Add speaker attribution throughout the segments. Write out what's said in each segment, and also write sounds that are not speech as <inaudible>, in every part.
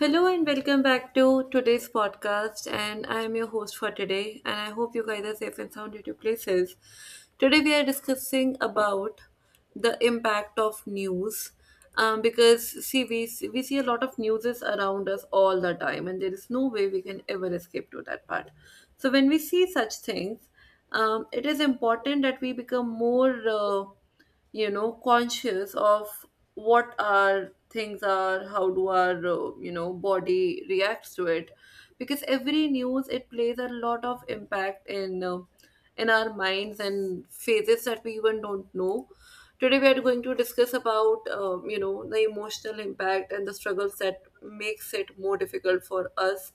Speaker 1: Hello and welcome back to today's podcast. And I am your host for today. And I hope you guys are safe and sound at your places. Today we are discussing about the impact of news, because see we see a lot of news is around us all the time, and there is no way we can ever escape to that part. So when we see such things, it is important that we become more conscious of what our things are, how do our body reacts to it, because every news, it plays a lot of impact in our minds and phases that we even don't know. Today we are going to discuss about the emotional impact and the struggles that makes it more difficult for us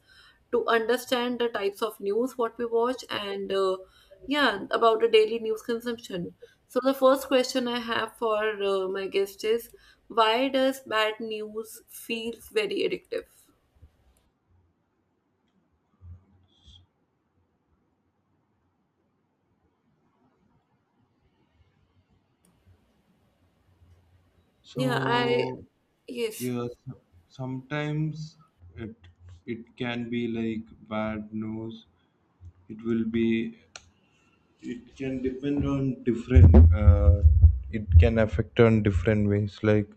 Speaker 1: to understand the types of news what we watch, and yeah, about the daily news consumption. So the first question I have for my guest is, why does bad news feels very addictive? Yeah, I
Speaker 2: So
Speaker 1: yes.
Speaker 2: yes, sometimes it it can be like bad news. It will be. It can depend on different. It can affect on different ways. Like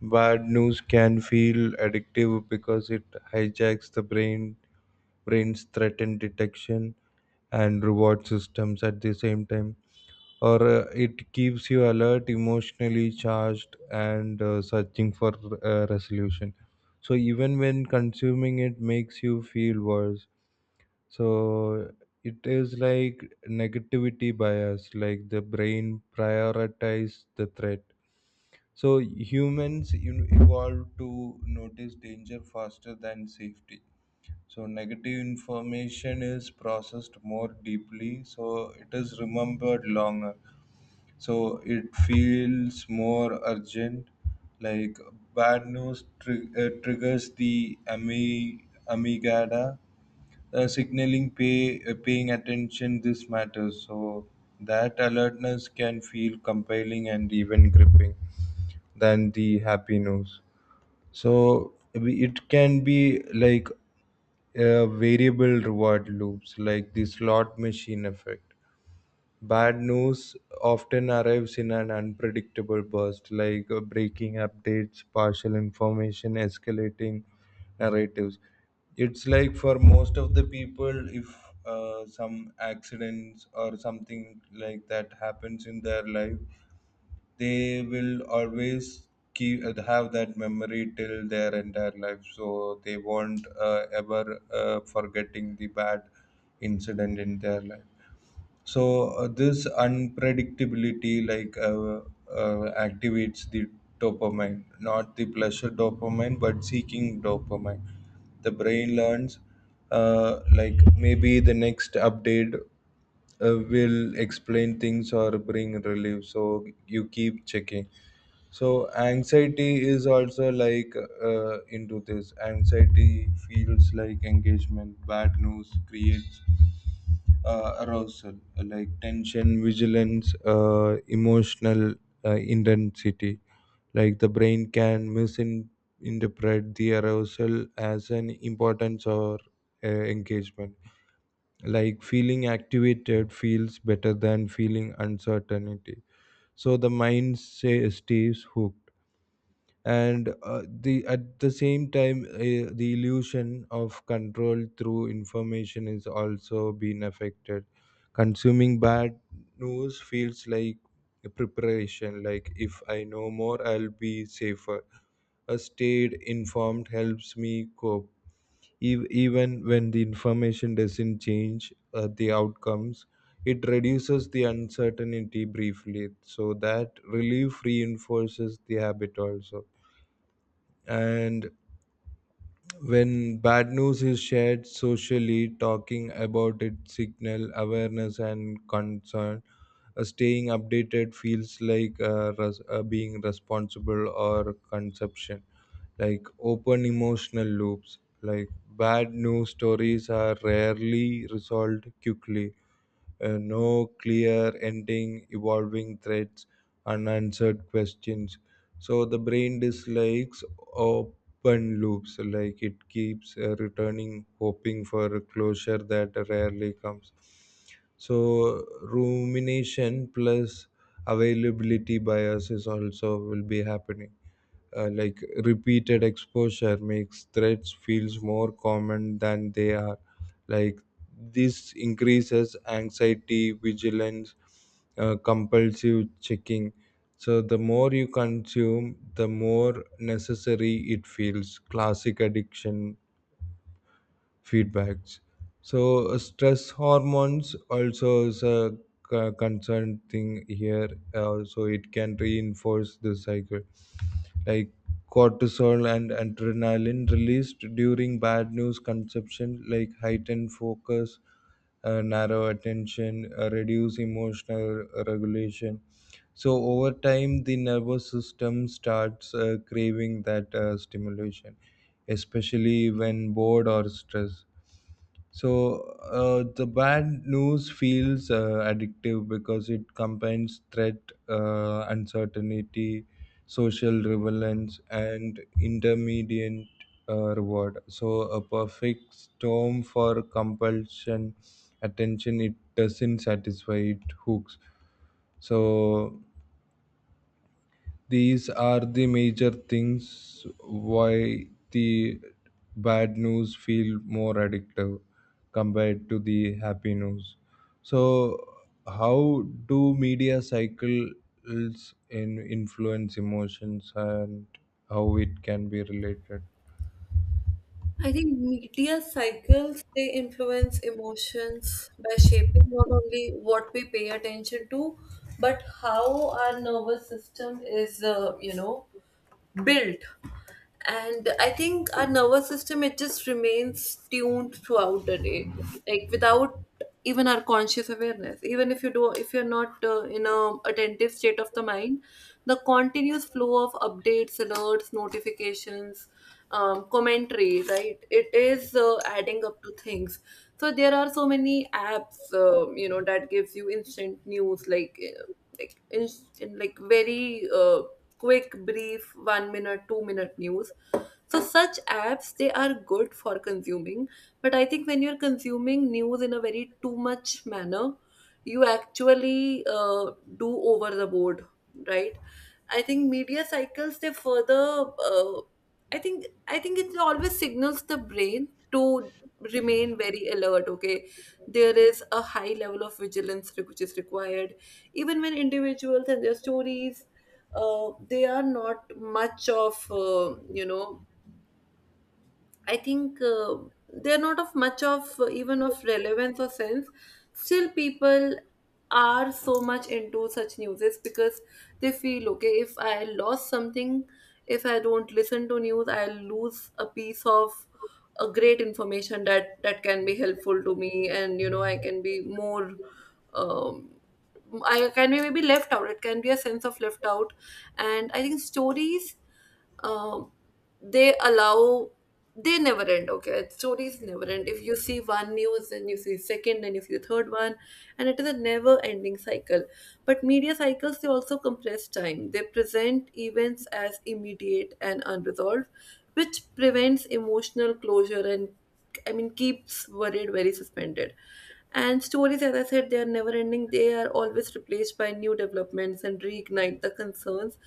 Speaker 2: bad news can feel addictive because it hijacks the brain's threat and detection, and reward systems at the same time, or it keeps you alert, emotionally charged, and searching for resolution, so even when consuming it makes you feel worse. So it is like negativity bias, like the brain prioritize the threat. So humans, you know, evolve to notice danger faster than safety, so negative information is processed more deeply, so it is remembered longer, so it feels more urgent. Like bad news triggers the amygdala, signaling paying attention, this matters. So that alertness can feel compelling and even gripping than the happy news. So it can be like variable reward loops, like the slot machine effect. Bad news often arrives in an unpredictable burst, like breaking updates, partial information, escalating narratives. It's like for most of the people, if some accidents or something like that happens in their life, they will always keep have that memory till their entire life. So they won't ever forgetting the bad incident in their life. So this unpredictability, like activates the dopamine, not the pleasure dopamine, but seeking dopamine. The brain learns, like maybe the next update will explain things or bring relief. So you keep checking. So anxiety is also like into this. Anxiety feels like engagement. Bad news creates arousal, like tension, vigilance, emotional intensity. Like the brain can misinterpret the arousal as an importance or engagement, like feeling activated feels better than feeling uncertainty, so the mind say, stays hooked. And the at the same time, the illusion of control through information is also being affected. Consuming bad news feels like a preparation, like if I know more I'll be safer, a stayed informed helps me cope. Even when the information doesn't change the outcomes, it reduces the uncertainty briefly, so that relief reinforces the habit also. And when bad news is shared socially, talking about it signal awareness and concern. Staying updated feels like being responsible or consumption, like open emotional loops, like bad news stories are rarely resolved quickly, no clear ending, evolving threats, unanswered questions. So the brain dislikes open loops, like it keeps returning, hoping for a closure that rarely comes. So rumination plus availability bias is also will be happening, like repeated exposure makes threats feels more common than they are, like this increases anxiety, vigilance, compulsive checking. So the more you consume, the more necessary it feels, classic addiction feedbacks. So stress hormones also is a concerned thing here. So it can reinforce the cycle, like cortisol and adrenaline released during bad news consumption, like heightened focus, narrow attention, reduce emotional regulation. So over time, the nervous system starts craving that stimulation, especially when bored or stressed. So the bad news feels addictive because it combines threat, uncertainty, social relevance, and intermediate reward. So a perfect storm for compulsion attention. It doesn't satisfy. It hooks. So these are the major things why the bad news feel more addictive compared to the happy news. So, how do media cycles in influence emotions and how it can be related?
Speaker 1: I think media cycles, they influence emotions by shaping not only what we pay attention to, but how our nervous system is, built. And I think our nervous system, it just remains tuned throughout the day, like without even our conscious awareness. Even if you do, if you're not in a attentive state of the mind, the continuous flow of updates, alerts, notifications, commentary, right? It is adding up to things. So there are so many apps, that gives you instant news, like inst- in like very quick, brief, 1-minute, 2-minute news. So such apps they are good for consuming, but I think when you're consuming news in a very too much manner, you actually do over the board, right? I think media cycles, they further. I think it always signals the brain to remain very alert. Okay, there is a high level of vigilance which is required, even when individuals and their stories, they are not much of you know I think they're not of much of even of relevance or sense. Still, people are so much into such news because they feel okay. If I lost something, if I don't listen to news, I'll lose a piece of a great information that can be helpful to me, and you know I can be more. Um, I can be maybe left out. It can be a sense of left out, and I think stories, um, they allow they never end. Okay, stories never end. If you see one news, then you see second, and you see third one, and it is a never-ending cycle. But media cycles, they also compress time. They present events as immediate and unresolved, which prevents emotional closure, and I mean, keeps worried very suspended. And stories, as I said, they are never ending. They are always replaced by new developments and reignite the concerns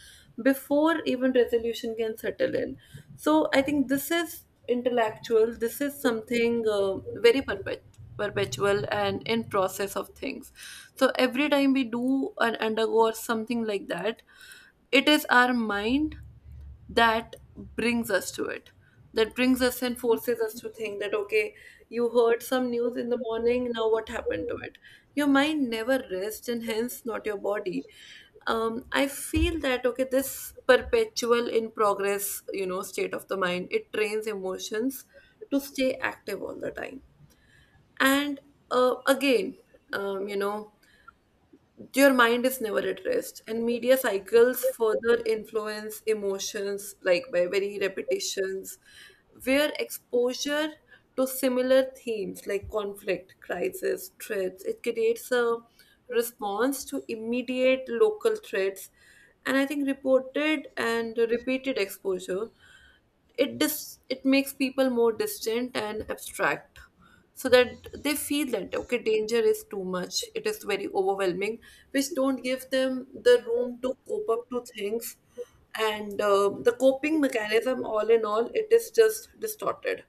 Speaker 1: before even resolution can settle in. So I think this is intellectual. This is something very perpetual and in process of things. So every time we do and undergo or something like that, it is our mind that brings us to it, that brings us and forces us to think that okay, you heard some news in the morning, now what happened to it? Your mind never rests, and hence not your body. I feel that okay, this perpetual in progress, you know, state of the mind, it trains emotions to stay active all the time. And again you know your mind is never at rest, and media cycles further influence emotions, like by very repetitions, where exposure to similar themes like conflict, crisis, threats, it creates a response to immediate local threats. And I think reported and repeated exposure, it makes people more distant and abstract, so that they feel that okay, danger is too much, it is very overwhelming, which don't give them the room to cope up to things. And the coping mechanism, all in all, it is just distorted.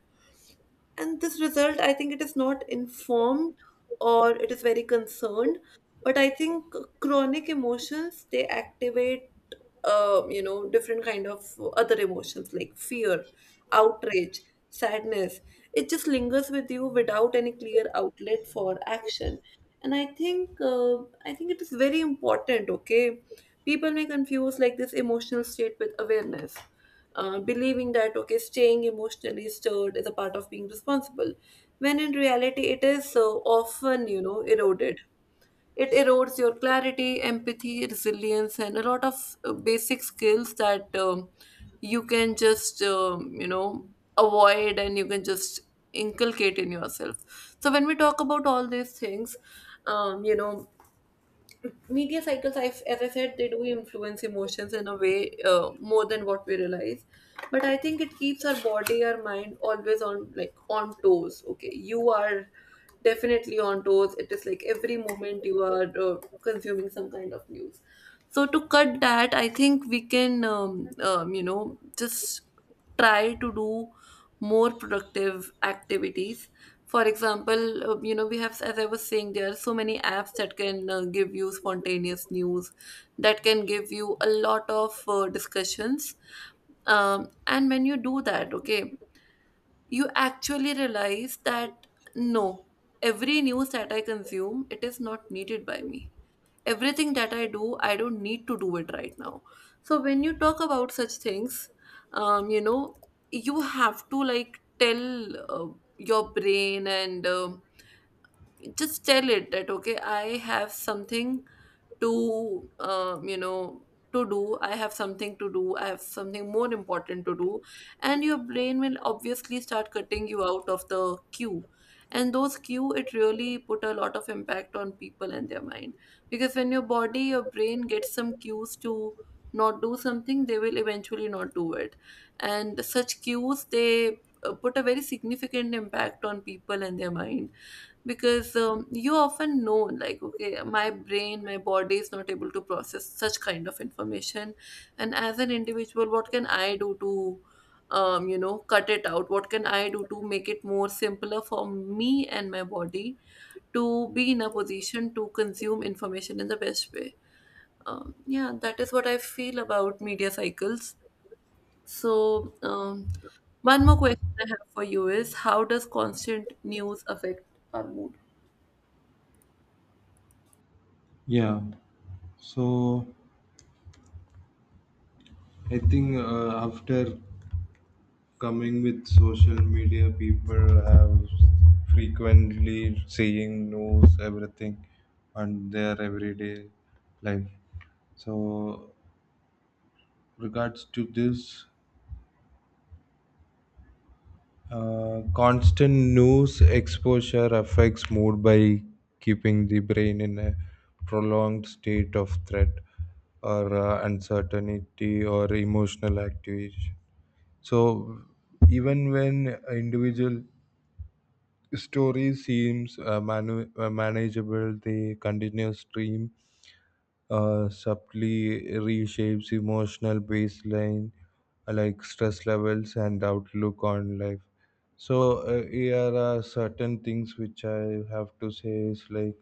Speaker 1: And this result, I think, it is not informed or it is very concerned, but I think chronic emotions, they activate different kind of other emotions like fear, outrage, sadness. It just lingers with you without any clear outlet for action. And I think it is very important, okay? People may confuse like this emotional state with awareness, believing that okay, staying emotionally stirred is a part of being responsible, when in reality it is so often, you know, eroded. It erodes your clarity, empathy, resilience, and a lot of basic skills that you can just avoid, and you can just inculcate in yourself. So when we talk about all these things, um, you know media cycles, I as I said, they do influence emotions in a way more than what we realize. But I think it keeps our body, our mind always on, like on toes. Okay, you are definitely on toes. It is like every moment you are consuming some kind of news. So to cut that, I think we can, just try to do more productive activities. For example, we have, as I was saying, there are so many apps that can give you spontaneous news, that can give you a lot of discussions. And when you do that, okay, you actually realize that no, every news that I consume, it is not needed by me. Everything that I do, I don't need to do it right now. So when you talk about such things, um, you know you have to like tell your brain, and just tell it that okay, I have something to do, I have something to do, I have something more important to do. And your brain will obviously start cutting you out of the queue, and those queue, it really put a lot of impact on people and their mind. Because when your body, your brain gets some cues to not do something, they will eventually not do it. And such cues, they put a very significant impact on people and their mind, because you often know like okay, my brain, my body is not able to process such kind of information. And as an individual, what can I do to cut it out? What can I do to make it more simpler for me and my body to be in a position to consume information in the best way? Yeah, that is what I feel about media cycles. So one more question I have for you is, how does constant news affect our mood?
Speaker 2: Yeah. So I think after coming with social media, people have frequently seeing news everything on their everyday life. So regards to this, constant news exposure affects mood by keeping the brain in a prolonged state of threat or uncertainty or emotional activation. So even when individual story seems manageable. The continuous stream subtly reshapes emotional baseline, like stress levels and outlook on life. So here are certain things which I have to say is like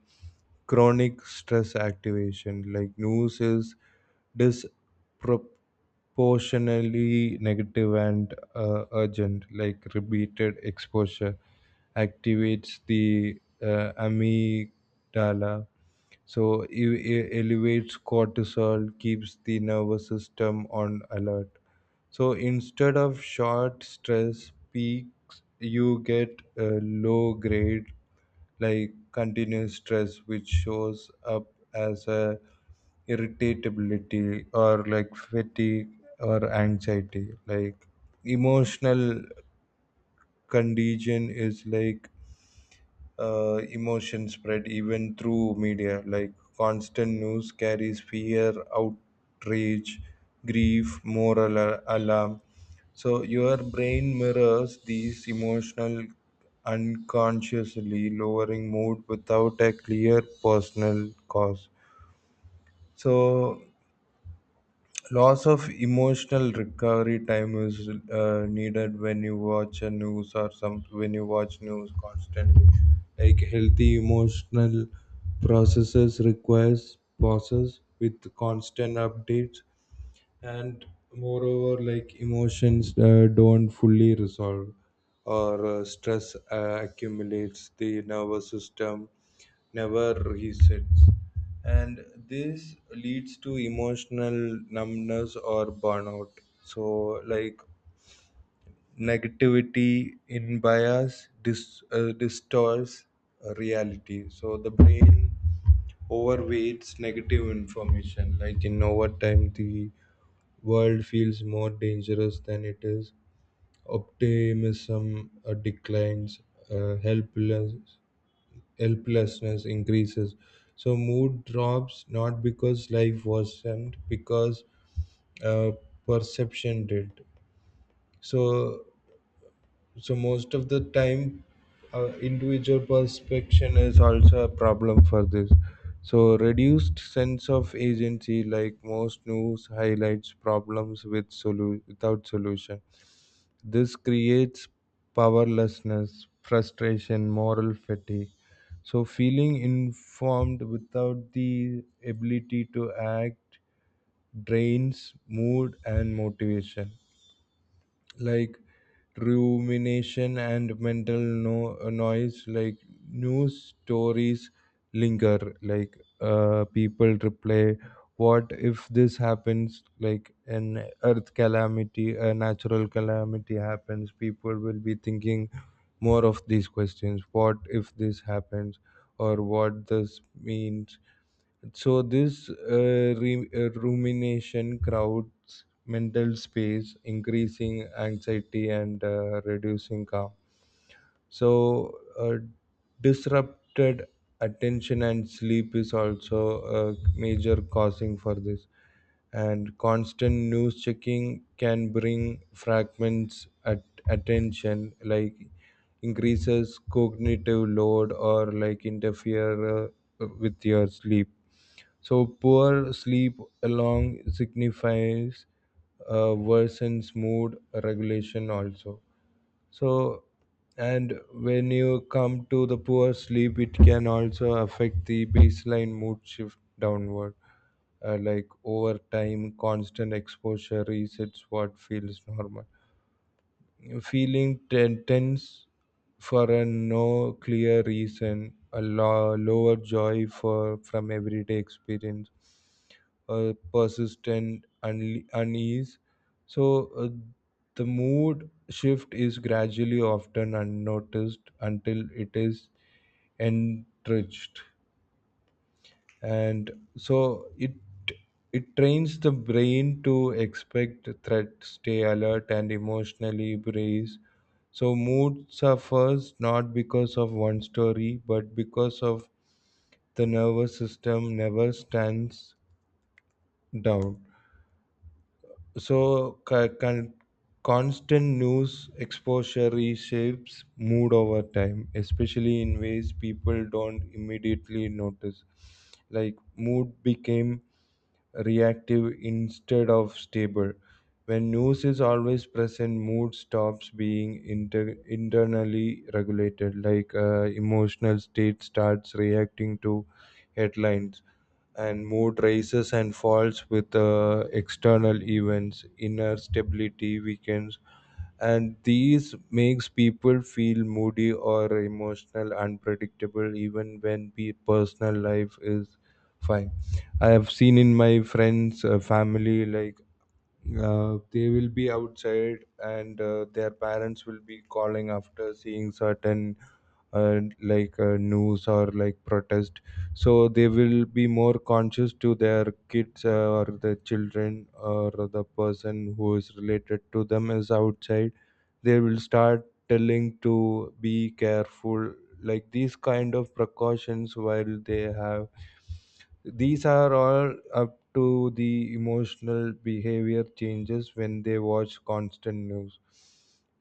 Speaker 2: chronic stress activation. Like news is disproportionately negative and urgent. Like repeated exposure activates the amygdala, so it elevates cortisol, keeps the nervous system on alert. So instead of short stress peaks, you get a low grade, like continuous stress, which shows up as a irritability or like fatigue or anxiety. Like emotional condition is like emotion spread even through media, like constant news carries fear, outrage, grief, moral alarm. So your brain mirrors these emotional unconsciously, lowering mood without a clear personal cause. So loss of emotional recovery time is needed when you watch a news or some, when you watch news constantly, like healthy emotional processes requires pauses with constant updates. And moreover, like emotions don't fully resolve or stress accumulates, the nervous system never resets, and this leads to emotional numbness or burnout. So like negativity in bias distorts reality, so the brain overweights negative information, like in overtime the world feels more dangerous than it is. Optimism declines, uh, helpless, helplessness increases. So mood drops not because life wasn't, because uh, perception did. So so most of the time, individual perception is also a problem for this. So reduced sense of agency, like most news, highlights problems with without solution. This creates powerlessness, frustration, moral fatigue. So, feeling informed without the ability to act drains mood and motivation, like rumination and mental noise, like news stories linger, like people replay what if this happens, like an earth calamity, a natural calamity happens, people will be thinking more of these questions, what if this happens or what this means. So this rumination crowds mental space, increasing anxiety and reducing calm. So disrupted attention and sleep is also a major causing for this. And constant news checking can bring fragments at attention, like increases cognitive load or like interfere with your sleep, so poor sleep along signifies worsens mood regulation also. So and when you come to the poor sleep, it can also affect the baseline mood shift downward. Like over time, constant exposure resets what feels normal. Feeling tense for a no clear reason, a lower joy for from everyday experience, persistent unease. So the mood shift is gradually, often unnoticed, until it is entrenched, and so it trains the brain to expect threat, stay alert, and emotionally brace. So mood suffers not because of one story, but because of the nervous system never stands down. So, constant news exposure reshapes mood over time, especially in ways people don't immediately notice. Like, mood became reactive instead of stable. When news is always present, mood stops being internally regulated, like emotional state starts reacting to headlines, and mood rises and falls with external events, inner stability weakens, and these makes people feel moody or emotional unpredictable even when the personal life is fine. I have seen in my friends, family, like they will be outside and their parents will be calling after seeing certain news or like protest. So they will be more conscious to their kids, or the children or the person who is related to them is outside, they will start telling to be careful, like these kind of precautions while they have. These are all up to the emotional behavior changes when they watch constant news.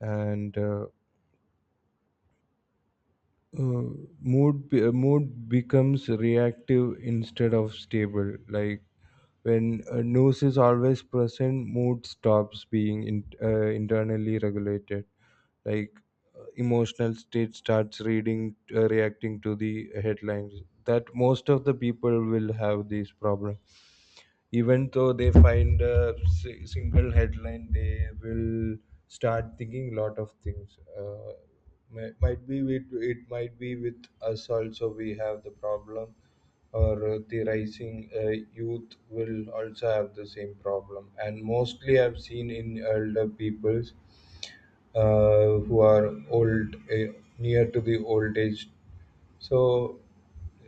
Speaker 2: And uh, uh, mood be- uh, mood becomes reactive instead of stable, like when news is always present, mood stops being internally regulated, like emotional state starts reading reacting to the headlines. That most of the people will have these problems, even though they find a single headline, they will start thinking a lot of things, might be with it, might be with us also, we have the problem, or the rising youth will also have the same problem, and mostly I've seen in elder peoples, who are old, near to the old age. So,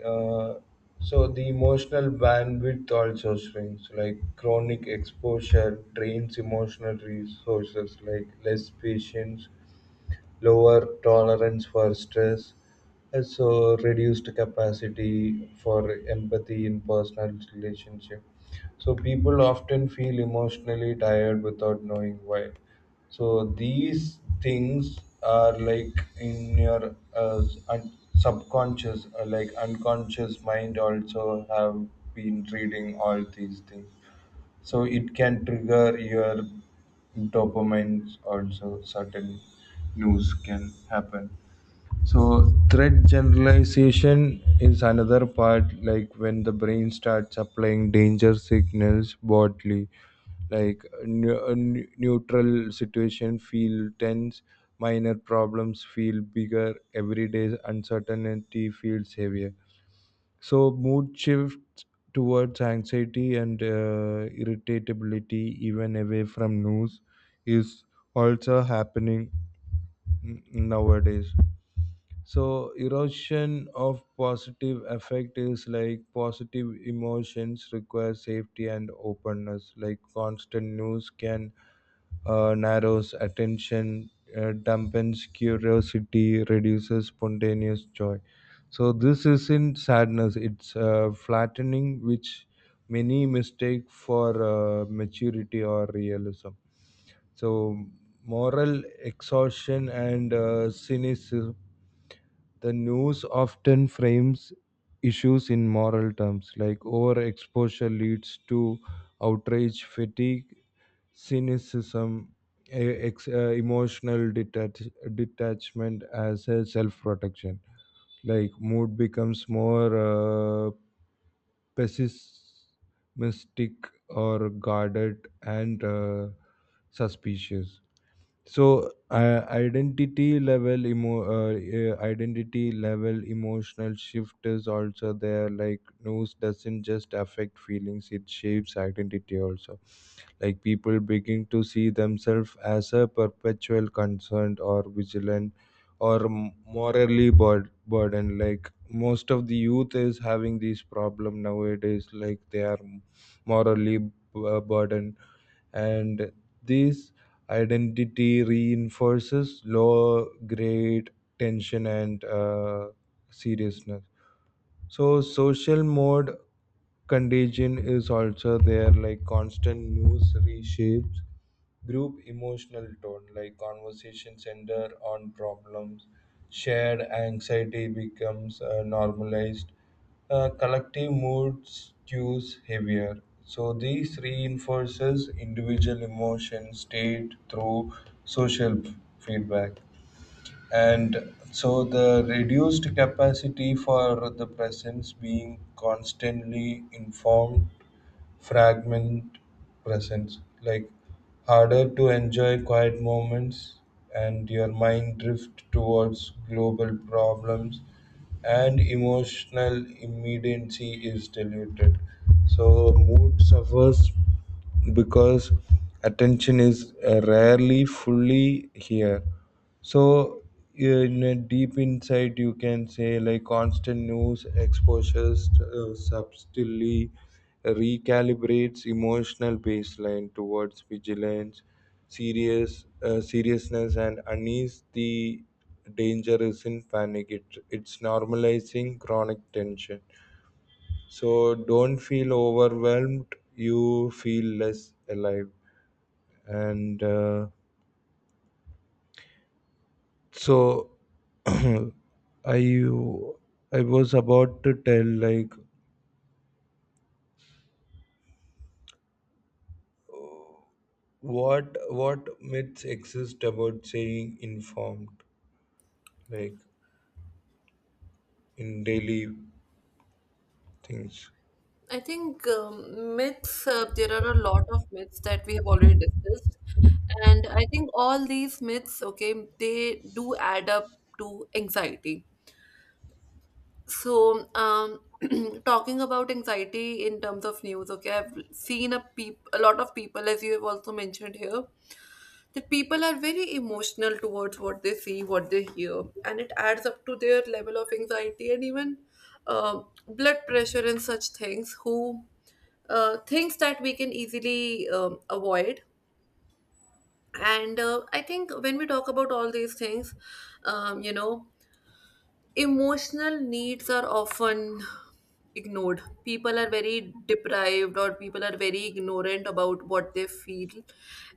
Speaker 2: uh, so the emotional bandwidth also shrinks. Like chronic exposure drains emotional resources, like less patience, lower tolerance for stress, and so reduced capacity for empathy in personal relationship. So people often feel emotionally tired without knowing why. So these things are like in your subconscious, like unconscious mind also have been reading all these things. So it can trigger your dopamine also, certain news can happen. So threat generalization is another part, like when the brain starts applying danger signals bodily, like a neutral situation feel tense, minor problems feel bigger, everyday uncertainty feels heavier. So mood shifts towards anxiety and irritability, even away from news, is also happening nowadays. So erosion of positive affect is like positive emotions require safety and openness. Like constant news can narrows attention, dampens curiosity, reduces spontaneous joy. So this isn't sadness; it's flattening, which many mistake for maturity or realism. So moral exhaustion and cynicism. The news often frames issues in moral terms, like overexposure leads to outrage fatigue, cynicism, emotional detachment as a self protection. Like mood becomes more uh, pessimistic or guarded and suspicious. So identity level emotional shift is also there, like news doesn't just affect feelings, it shapes identity also, like people begin to see themselves as a perpetual concerned or vigilant or morally burdened. Like most of the youth is having this problem nowadays, like they are morally burdened, and this identity reinforces low grade tension and seriousness. So social mode contagion is also there, like constant news reshapes group emotional tone, like conversation center on problems, shared anxiety becomes normalized, collective moods cues heavier. So this reinforces individual emotion state through social feedback. And so the reduced capacity for the presence, being constantly informed, fragment presence, like harder to enjoy quiet moments, and your mind drift towards global problems and emotional immediacy is diluted. So mood suffers because attention is rarely fully here. So in a deep insight you can say like constant news exposures subtly recalibrates emotional baseline towards vigilance, seriousness, and unease. The danger isn't panic; it's normalizing chronic tension. So don't feel overwhelmed. You feel less alive, and so <clears throat> I I was about to tell like what myths exist about saying informed like in daily things.
Speaker 1: I think myths, there are a lot of myths that we have already discussed. And I think all these myths, okay, they do add up to anxiety. So, <clears throat> talking about anxiety in terms of news, okay, I've seen a a lot of people, as you have also mentioned here, that people are very emotional towards what they see, what they hear, and it adds up to their level of anxiety and even uh, blood pressure and such things. Who things that we can easily avoid. And I think when we talk about all these things, um, you know, emotional needs are often ignored. People are very deprived, or people are very ignorant about what they feel.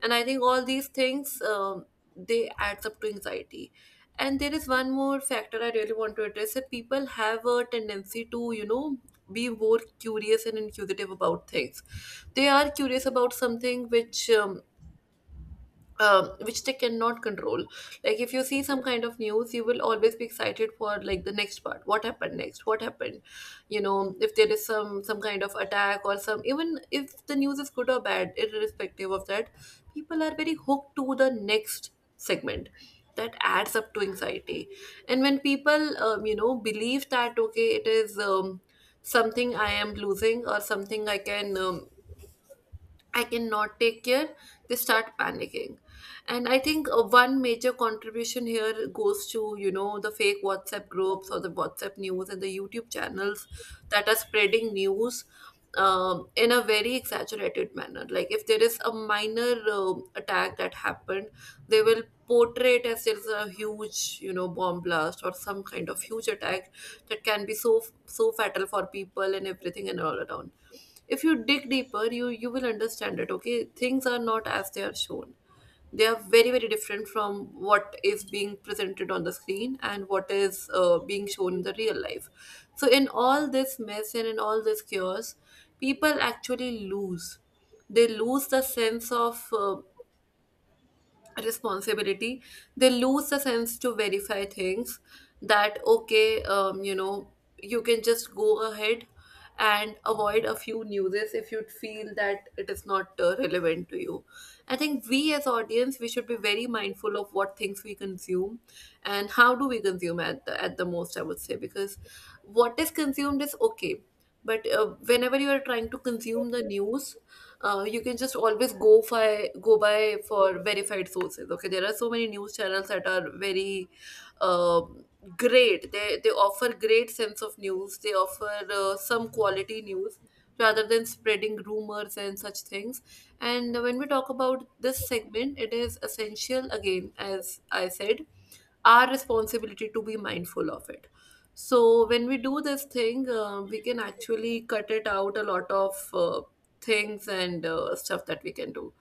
Speaker 1: And I think all these things, they adds up to anxiety. And there is one more factor I really want to address, that people have a tendency to, you know, be more curious and inquisitive about things. They are curious about something which they cannot control. Like if you see some kind of news, you will always be excited for like the next part. What happened next? What happened? You know, if there is some kind of attack or some, even if the news is good or bad, irrespective of that, people are very hooked to the next segment. That adds up to anxiety. And when people, believe that okay, it is something I am losing or something I can. I cannot take care, they start panicking. And I think one major contribution here goes to, you know, the fake WhatsApp groups or the WhatsApp news and the YouTube channels that are spreading news in a very exaggerated manner. Like if there is a minor attack that happened, they will portray it as it's a huge, you know, bomb blast or some kind of huge attack that can be so so fatal for people and everything and all around. If you dig deeper, you will understand it. Okay, things are not as they are shown. They are very very different from what is being presented on the screen and what is being shown in the real life. So in all this mess and in all this chaos, people actually lose. They lose the sense of responsibility, they lose the sense to verify things. That okay, you can just go ahead and avoid a few newses if you feel that it is not relevant to you. I think we as audience, we should be very mindful of what things we consume and how do we consume, at the most I would say. Because what is consumed is okay, but whenever you are trying to consume the news, you can just always go by for verified sources. Okay, there are so many news channels that are very um great. They offer great sense of news. They offer some quality news rather than spreading rumors and such things. And when we talk about this segment, it is essential, again, as I said, our responsibility to be mindful of it. So when we do this thing, we can actually cut it out a lot of things and stuff that we can do.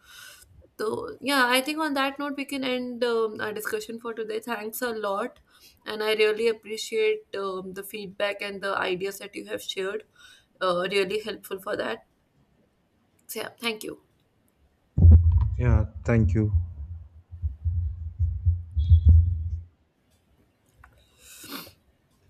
Speaker 1: So yeah, I think on that note, we can end our discussion for today. Thanks a lot, and I really appreciate the feedback and the ideas that you have shared. Really helpful for that. So yeah, thank you.
Speaker 2: Yeah, thank you.